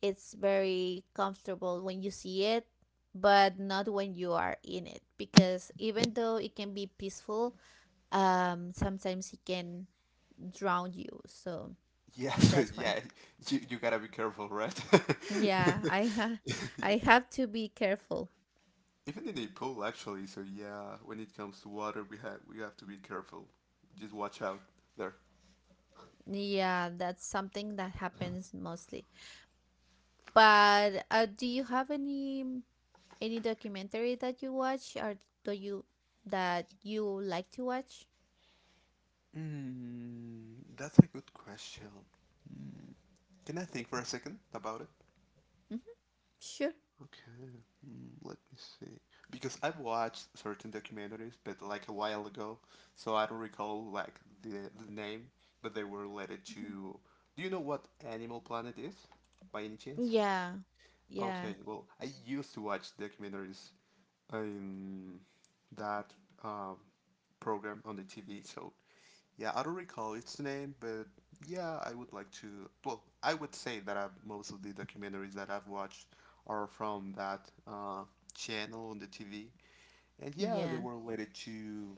A: It's very comfortable when you see it, but not when you are in it. Because even though it can be peaceful, sometimes it can drown you. So
B: Yes,
A: that's why.
B: yeah, you gotta be careful right.
A: Yeah, I have to be careful.
B: Even in a pool actually, so yeah, when it comes to water we have to be careful, just watch out there.
A: Yeah, that's something that happens mostly. But do you have any documentary that you watch, or do you that you like to watch?
B: That's a good question. Can I think for a second about it?
A: Hmm. Sure.
B: Okay, let me see. Because I've watched certain documentaries, but like a while ago, so I don't recall like the name, but they were related
A: Hmm.
B: to. Do you know what Animal Planet is, by any chance?
A: Yeah, yeah.
B: Okay, well, I used to watch documentaries in that um, program on the TV, so yeah, I don't recall its name, but yeah, I would like to. Well, I would say that I've, most of the documentaries that I've watched are from that channel on the TV, and yeah, they
A: Yeah.
B: were related to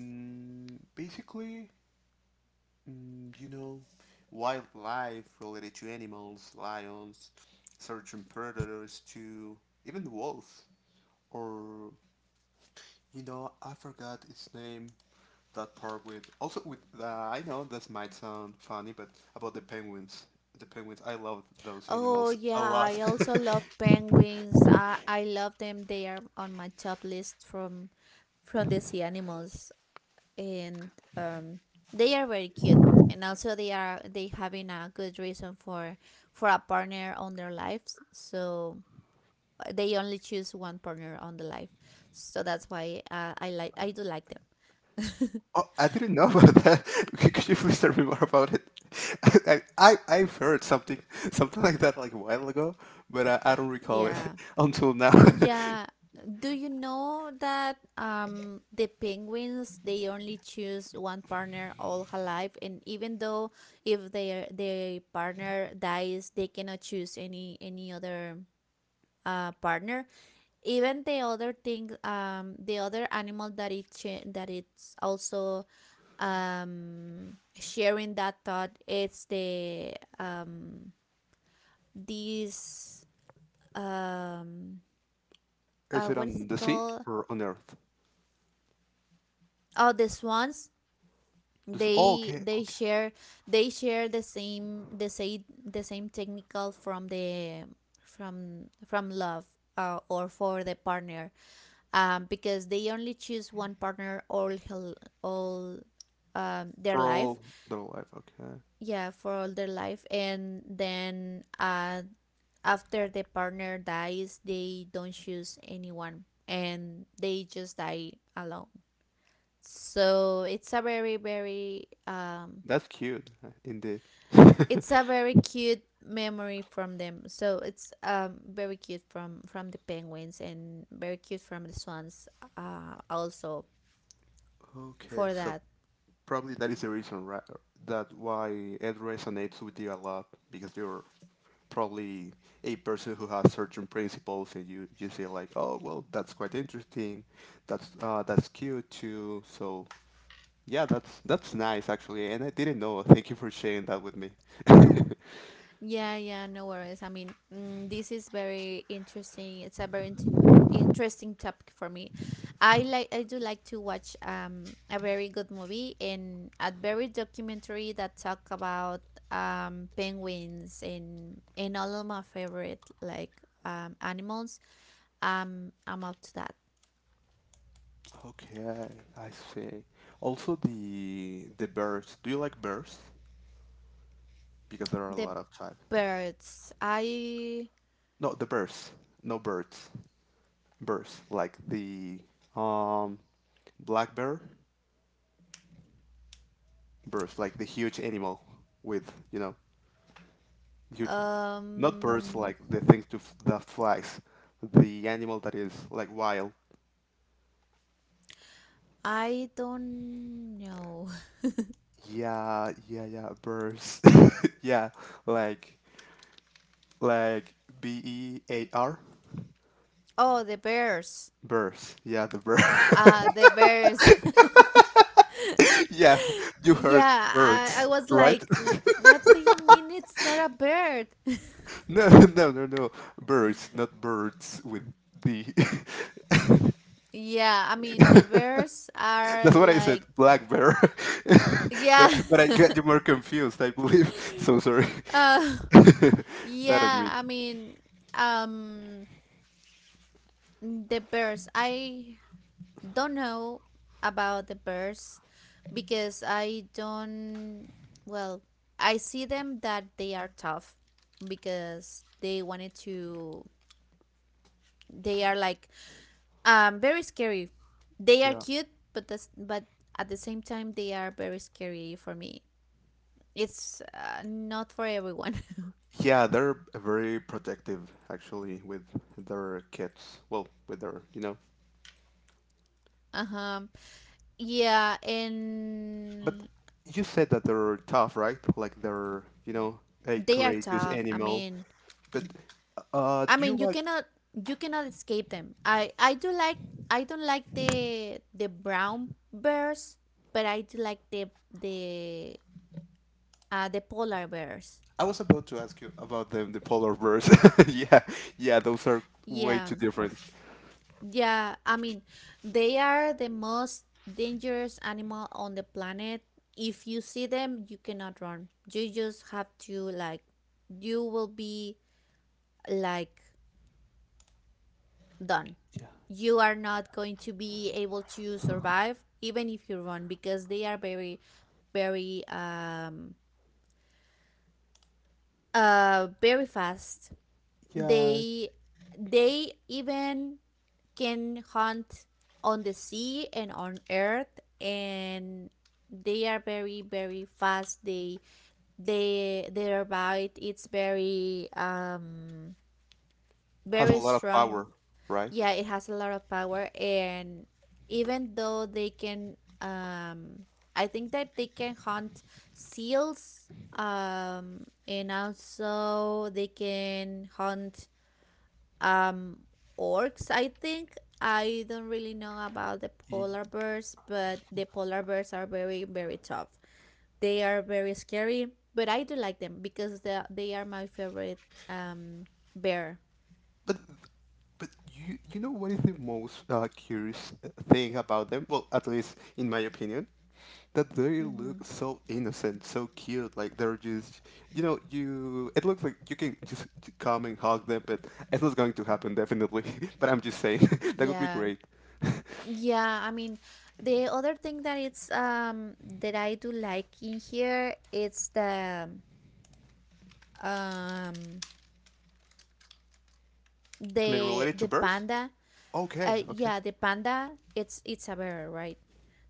B: mm, basically you know, wildlife related to animals, lions, certain predators, to even the wolves. Or, you know, I forgot its name. That part with also with the I know this might sound funny, but about the penguins. The penguins, I love those
A: Oh,
B: animals
A: yeah.
B: a lot.
A: I also love penguins. I love them. They are on my top list from the sea animals, and, um, they are very cute. And also, they are they having a good reason for a partner on their lives. So, they only choose one partner on the life. So that's why, I do like them.
B: Oh, I didn't know about that. Could you please tell me more about it? I, I've heard something something like that like a while ago, but I don't recall it
A: Yeah.
B: until now.
A: Yeah. Do you know that, the penguins, they only choose one partner all her life, and even though if their partner dies they cannot choose any other, partner? Even the other thing, the other animal that that it's also, sharing that thought, it's the, um these, um
B: Is it
A: what is
B: on
A: it
B: the sea
A: called?
B: or on Earth?
A: Oh, the swans,
B: This, oh,
A: they
B: okay,
A: they
B: okay.
A: share. They share the same technical from the, from love, or for the partner, because they only choose one partner all, all, their
B: For
A: life.
B: all the life, okay.
A: Yeah, for all their life. And then, after the partner dies they don't choose anyone and they just die alone. So it's a very very,
B: That's cute, indeed.
A: it's a very cute memory from them. So it's, very cute from the penguins and very cute from the swans, also,
B: Okay,
A: for
B: so
A: that.
B: probably that is the reason, right, that why it resonates with you a lot because you're probably a person who has certain principles and you say like oh well that's quite interesting, that's cute too, so yeah, that's nice actually and I didn't know. Thank you for sharing that with me. Okay,
A: Yeah, yeah, no worries. I mean, this is very interesting. It's a very, interesting topic for me. I do like to watch, a very good movie and a very documentary that talk about, penguins, and all of my favorite, like, animals. I'm up to that.
B: I see, also the birds, do you like birds? Because there are a
A: The
B: lot of types.
A: birds. I,
B: No, the birds, no birds, birds, like the um, black bear birds, like the huge animal with you know huge, not birds
A: um
B: like the things to f- the flies, the animal that is like wild.
A: I don't know.
B: Yeah, yeah, yeah, birds. yeah, like like bear
A: Oh, the bears.
B: birds. Yeah, the bird.
A: The bears.
B: yeah, you heard
A: Yeah, I
B: birds,
A: was
B: right?
A: like, what do you mean it's not a bird?
B: No, no, no, no, birds, not birds with the.
A: Yeah, I mean the bears are
B: That's what I said,
A: like.
B: black bear.
A: Yeah.
B: But I- but I got you more confused, I believe. So sorry.
A: uh,
B: That on
A: yeah,
B: me.
A: I mean, um the bears. I don't know about the birds because I don't, well, I see them that they are tough because they wanted to, they are like, very scary. They are
B: Yeah.
A: cute but, at the same time they are very scary for me. It's, not for everyone.
B: Yeah, they're very protective actually with their kids. Well, with their, you know.
A: Uh-huh. Yeah,
B: But
A: and
B: you said that they're tough, right? Like they're, you know, a
A: they are
B: courageous
A: tough. I
B: animal.
A: mean,
B: But
A: I
B: do you
A: mean, you
B: like?
A: cannot you cannot escape them. I don't like the brown bears, but I do like the polar bears.
B: I was about to ask you about them, the polar bears. Yeah, yeah, those are way
A: Yeah.
B: too different.
A: Yeah, I mean, they are the most dangerous animal on the planet. If you see them, you cannot run. You just have to, like, you will be, like, done. You are not going to be able to survive even if you run because they are very, very, very fast.
B: Yeah,
A: They they even can hunt on the sea and on earth, and they are very very fast. They their bite, it's very,
B: has a
A: very
B: lot of
A: strong.
B: power, right?
A: Yeah, it has a lot of power. And even though they can, I think that they can hunt seals, and also they can hunt, um orcs, I think. I don't really know about the polar bears, but the polar bears are very very tough. They are very scary, but I do like them because they are my favorite, um bear.
B: But but you you know what is the most curious thing about them? Well, at least in my opinion, that they look
A: Hmm.
B: so innocent, so cute. Like they're just you know you. It looks like you can just come and hug them, but it's not going to happen definitely. But I'm just saying that would be
A: Yeah.
B: great.
A: Yeah, I mean, the other thing that it's, that I do like in here, it's the, um
B: I mean,
A: the
B: related to
A: the
B: birds?
A: panda.
B: Okay, okay,
A: Yeah, the panda, it's a bear, right?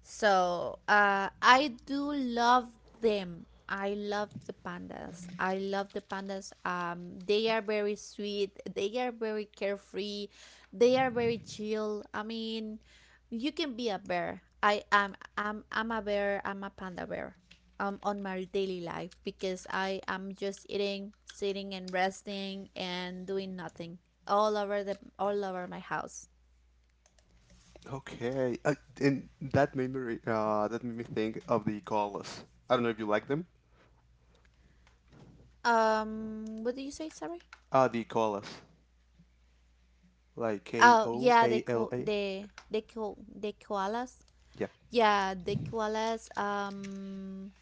A: So, I do love them. I love the pandas. I love the pandas. They are very sweet. They are very carefree. They are very chill. I mean, you can be a bear. I am. I'm. I'm a bear. I'm a panda bear. On my daily life because I am just eating, sitting, and resting and doing nothing all over my house.
B: okay. And that made me think of the koalas. I don't know if you like them.
A: What did you say? Sorry.
B: The koalas, like K
A: Oh,
B: O
A: yeah,
B: A L A.
A: the koalas.
B: Yep.
A: Yeah, the koalas.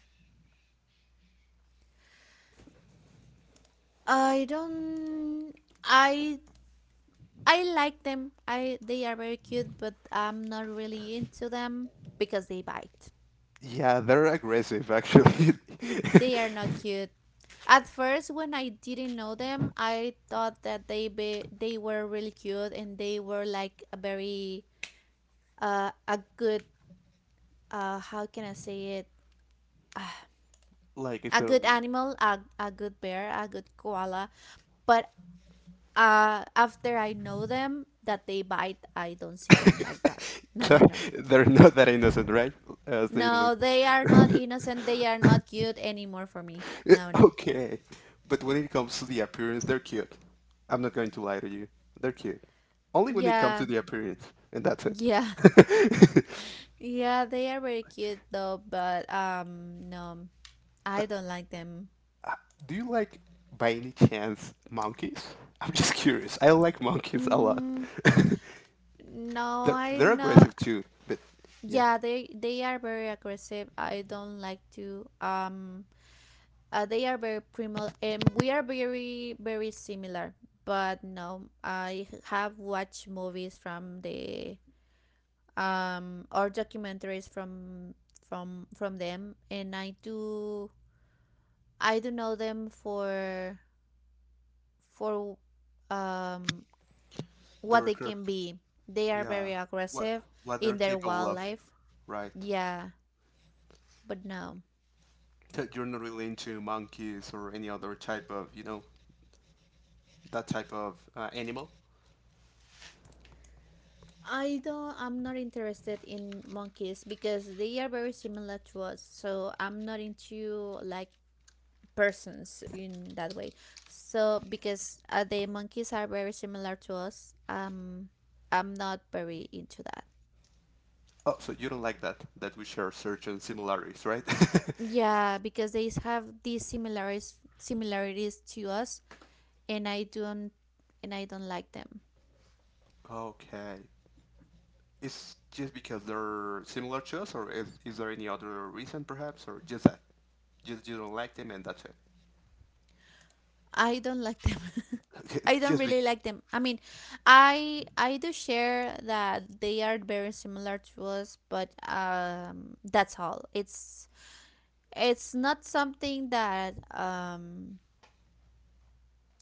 A: I don't. I I like them. I they are very cute, but I'm not really into them because they bite.
B: Yeah, they're aggressive actually.
A: They are not cute. At first, when I didn't know them, I thought that they were really cute, and they were like a very, a good, how can I say it?
B: Like if
A: A
B: they're
A: good animal, a good bear, a good koala. But after I know them that they bite, I don't see them like that. No, no, no.
B: they're not that innocent, right? As they look.
A: No, they are not innocent. They are not cute anymore for me. No, no.
B: Okay, but when it comes to the appearance, they're cute. I'm not going to lie to you. They're cute. Only when it comes
A: Yeah,
B: to the appearance, and that's
A: yeah,
B: it.
A: yeah. They are very cute though, but, no, I
B: but
A: don't like them.
B: uh, do you like, by any chance, monkeys? I'm just curious. I like monkeys a lot.
A: Mm, no, I
B: They're
A: am not.
B: aggressive too, but yeah.
A: Yeah, they are very aggressive. I don't like to, they are very primal, and we are very very similar. But no, I have watched movies from the, or documentaries from from them, and I do know them for, um what
B: They're
A: they can be. They are
B: Yeah.
A: very
B: What
A: aggressive
B: what they're
A: in their
B: capable of,
A: wildlife.
B: right?
A: Yeah, but no.
B: So you're not really into monkeys or any other type of, you know, that type of animal.
A: I'm not interested in monkeys because they are very similar to us. So I'm not into, like, persons in that way. So because, the monkeys are very similar to us, I'm not very into that.
B: Oh, so you don't like that that we share certain similarities, right?
A: Yeah, because they have these similarities to us, and I don't and I don't like them.
B: Okay. It's just because they're similar to us, or is there any other reason perhaps, or just that? Just you don't like them and that's it.
A: I don't like them.
B: Okay,
A: I don't
B: just be
A: really like them. I mean, I do share that they are very similar to us, but, that's all. It's not something that,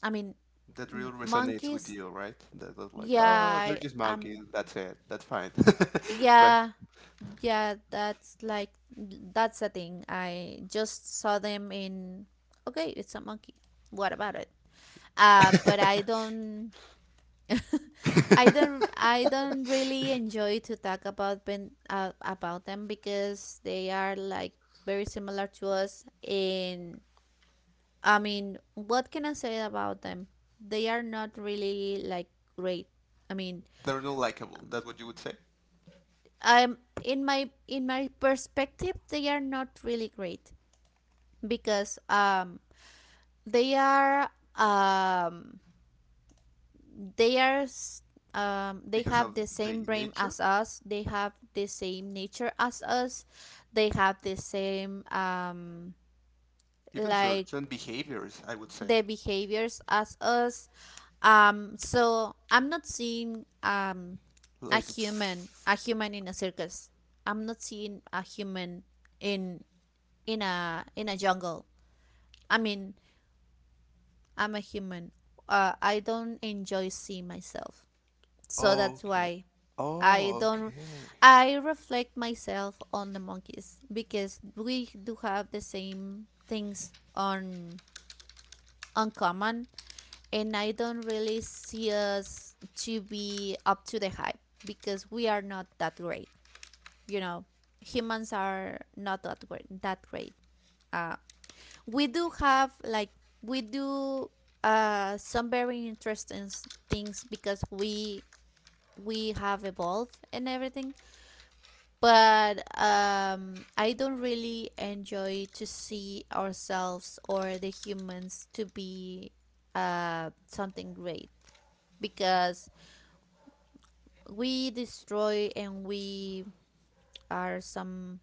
A: I mean,
B: that really resonates with
A: monkeys.
B: you, right? That, that's like,
A: Yeah,
B: oh, they're
A: I,
B: just monkeys. That's it. That's fine, right?
A: yeah, yeah. That's a thing. I just saw them in. Okay, it's a monkey. What about it? But I don't. I don't really enjoy to talk about, about them because they are, like, very similar to us in. I mean, what can I say about them? They are not really, like, great. I mean,
B: They're not likable. That's what you would say
A: I'm in my perspective, they are not really great because they are um they are s- they
B: because
A: have
B: of
A: the
B: the
A: same brain
B: nature,
A: as us. They have the same nature as us. They have the same
B: even
A: like
B: certain behaviors. I would say
A: the behaviors as us. So I'm not seeing
B: like,
A: a human in a circus. I'm not seeing a human in a jungle. I mean, I'm a human. I don't enjoy seeing myself, so that's
B: okay,
A: why I
B: oh
A: don't
B: okay.
A: I reflect myself on the monkeys because we do have the same things on uncommon, and I don't really see us to be up to the hype because we are not that great. You know, humans are not that great. Uh, we do have like we do some very interesting things because we have evolved and everything, but I don't really enjoy to see ourselves or the humans to be something great because we destroy, and we are some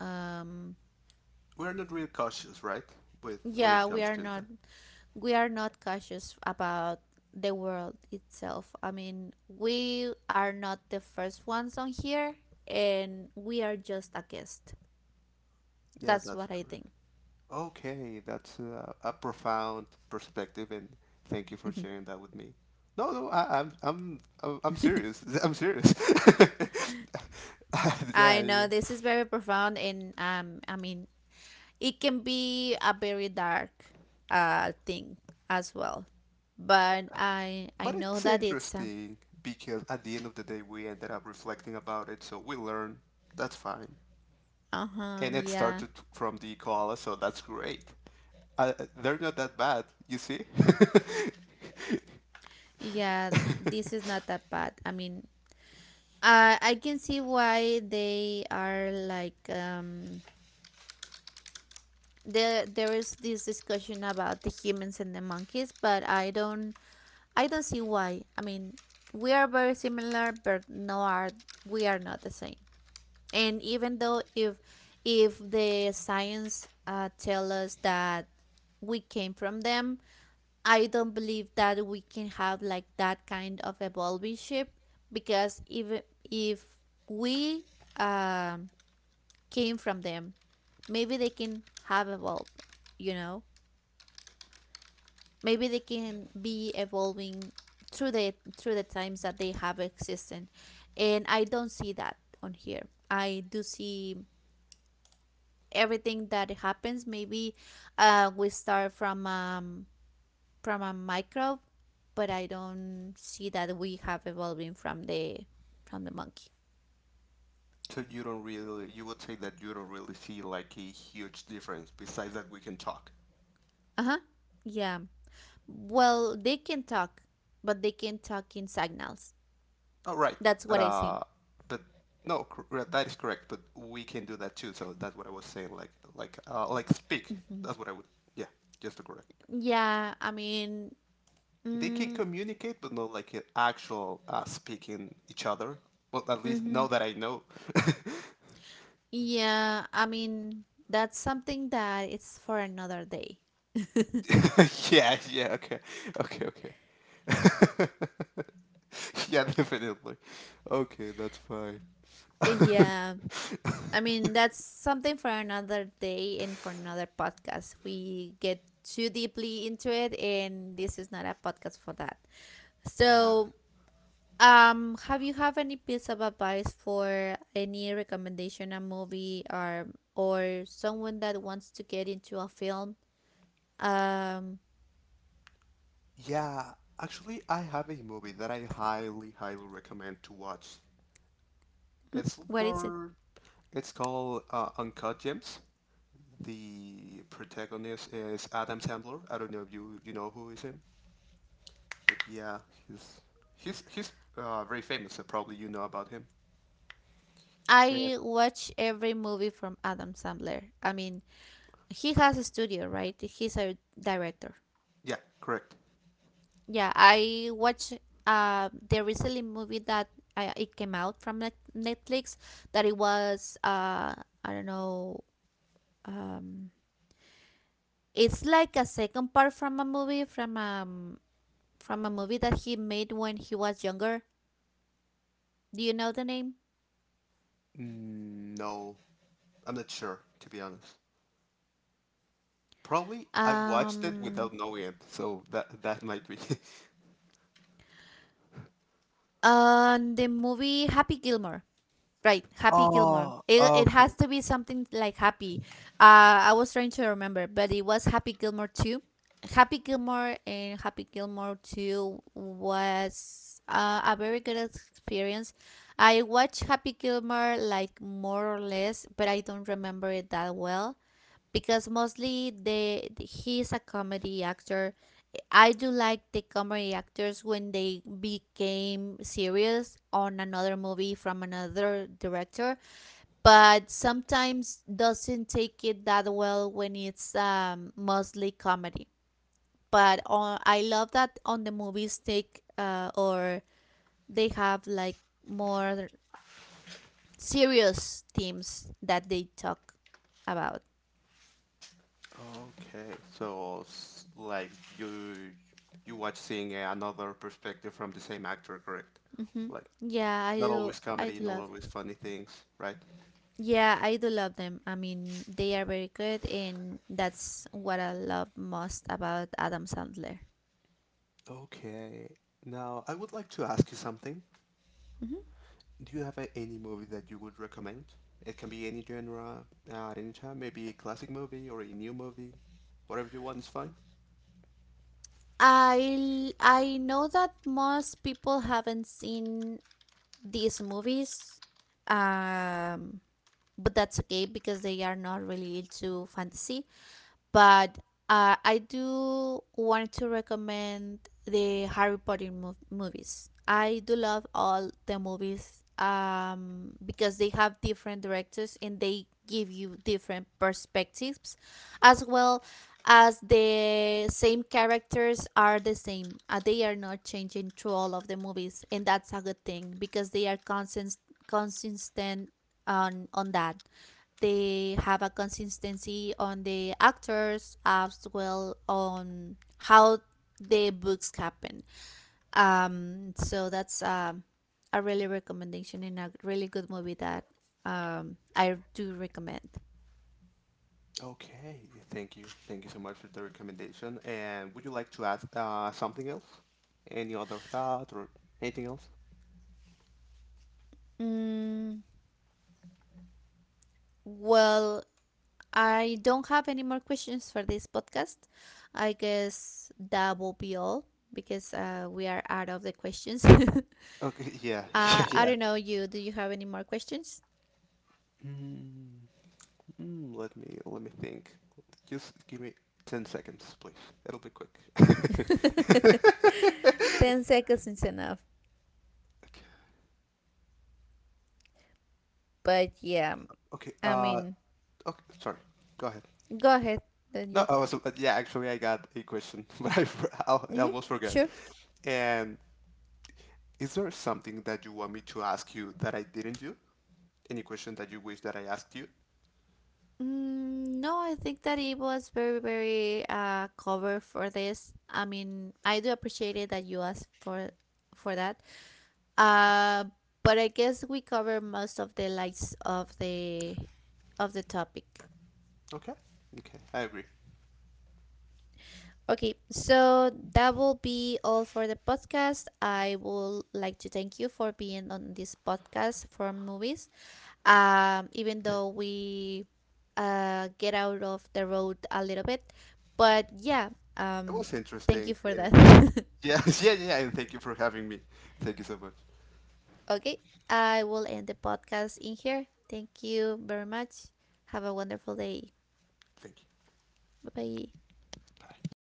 A: um
B: We're not really cautious, right? With when
A: yeah,
B: it comes to that.
A: we are not cautious about the world itself. I mean, we are not the first ones on here, and we are just a guest.
B: Yeah,
A: That's
B: that's
A: what I think.
B: correct. Okay, that's a profound perspective, and thank you for sharing that with me. No, no, I, I'm serious. I'm serious. Yeah,
A: I
B: yeah.
A: know this is very profound, and I mean, it can be a very dark thing as well. But I
B: But
A: know
B: it's
A: that it's
B: interesting because at the end of the day, we ended up reflecting about it, so we learned. That's fine.
A: uh huh.
B: And it
A: Yeah.
B: started from the koala, so that's great. They're not that bad, you see?
A: Yeah, this is not
B: So
A: that bad. I mean, I can see why they are like there is this discussion about the humans and the monkeys, but I don't see why. I mean, we are very similar, but no are we are not the same. And even though, if the science tell us that we came from them, I don't believe that we can have like that kind of evolving ship. Because even if we um, came from them, maybe they can have evolved, you know. Maybe they can be evolving through the times that they have existed, and I don't see that on here. I do see everything that happens. Maybe we start from a microbe, but I don't see that we have evolving from the monkey.
B: you don't really, you would say that you don't really see like a huge difference besides that we can talk.
A: Uh huh. Yeah. Well, they can talk, but they can talk in signals.
B: Oh right,
A: That's
B: but,
A: what I see.
B: but no, cor- that is correct. But we can do that too. So that's what I was saying. Like speak.
A: Hmm.
B: That's what I would, yeah, just to correct.
A: Yeah. I mean.
B: They can
A: Mm,
B: communicate, but not like a actual speaking each other. Well, at least
A: mm-hmm.
B: now that I know.
A: Yeah. I mean, that's something that it's for another day.
B: Yeah, yeah, okay, okay, okay. Yeah, definitely. Okay, that's fine.
A: Yeah. I mean, that's something for another day and for another podcast. We get too deeply into it, and this is not a podcast for that.
B: Yeah,
A: So, have you have any piece of advice for any recommendation, a movie, or someone that wants to get into a film? Um,
B: yeah. Actually, I have a movie that I highly, highly recommend to watch.
A: hmm,
B: It's
A: what is it?
B: for, it's called Uncut Gems. The protagonist is Adam Sandler. I don't know if you know who is him. Yeah, he's he's very famous. So probably you know about him. Yeah.
A: I watch every movie from Adam Sandler. I mean, he has a studio, right? He's a director.
B: Yeah, correct.
A: Yeah, I watched the recently movie that it came out from Netflix that it was I don't know, um, it's like a second part from a movie that he made when he was younger. Do you know the name?
B: No, I'm not sure to be honest. Probably I watched it without
A: Um,
B: knowing it, so that that might be.
A: and the movie Happy Gilmore. Right, Happy Gilmore.
B: Oh,
A: It
B: okay.
A: has to be something like Happy. I was trying to remember, but it was Happy Gilmore 2. Happy Gilmore and Happy Gilmore 2 was a very good experience. I watched Happy Gilmore like more or less, but I don't remember it that well, because mostly the he's a comedy actor. I do like the comedy actors when they became serious on another movie from another director, but sometimes doesn't take it that well when it's mostly comedy. But on, I love that on the movies take or they have like more serious themes that they talk about.
B: Okay, so s- like you you watch seeing a- another perspective from the same actor, correct?
A: Hmm.
B: Like
A: Yeah, I
B: not
A: do.
B: always
A: I
B: comedy,
A: do
B: not
A: love.
B: always funny things, right?
A: Yeah, I do love them. I mean, they are very good, and that's what I love most about Adam Sandler.
B: Okay. Now I would like to ask you something.
A: Mhm.
B: Do you have a, any movie that you would recommend? It can be any genre, at any time, maybe a classic movie or a new movie. Whatever you want is fine.
A: I know that most people haven't seen these movies, um, but that's okay because they are not really into fantasy. But I do want to recommend the Harry Potter movies. I do love all the movies because they have different directors, and they give you different perspectives, as well. As the same characters are the same. They are not changing through all of the movies, and that's a good thing because they are consistent, consistent on that. They have a consistency on the actors as well, on how the books happen. So that's a really recommendation and a really good movie that I do recommend.
B: Okay, thank you. Thank you so much for the recommendation. And would you like to ask something else? Any other thought or anything else?
A: Mm, well, I don't have any more questions for this podcast. I guess that will be all, because we are out of the questions.
B: Okay, yeah,
A: I
B: yeah.
A: don't know, you — do you have any more questions?
B: Let me think. Just give me 10 seconds, please. It'll be quick.
A: 10 seconds is enough. But yeah,
B: Okay,
A: I mean,
B: okay, sorry. Go ahead.
A: go ahead. Then
B: No,
A: you.
B: I was, yeah, actually, I got a question, but I, for- I'll- I
A: Yeah,
B: almost forgot.
A: sure.
B: And is there something that you want me to ask you that I didn't do? Any question that you wish that I asked you?
A: Mm, no, I think that it was very, very cover for this. I mean, I do appreciate it that you asked for that. Uh, but I guess we cover most of the likes of the topic.
B: Okay. Okay, I agree.
A: Okay, so that will be all for the podcast. I would like to thank you for being on this podcast for movies. Even
B: Thank-
A: though we get out of the road a little bit. But yeah,
B: It
A: um,
B: was
A: thank
B: interesting.
A: you for
B: And-
A: that.
B: Yeah, yeah, yeah, and thank you for having me. Thank you so much.
A: Okay, I will end the podcast in here. Thank you very much. Have a wonderful day.
B: Thank you.
A: Bye bye.
B: Bye.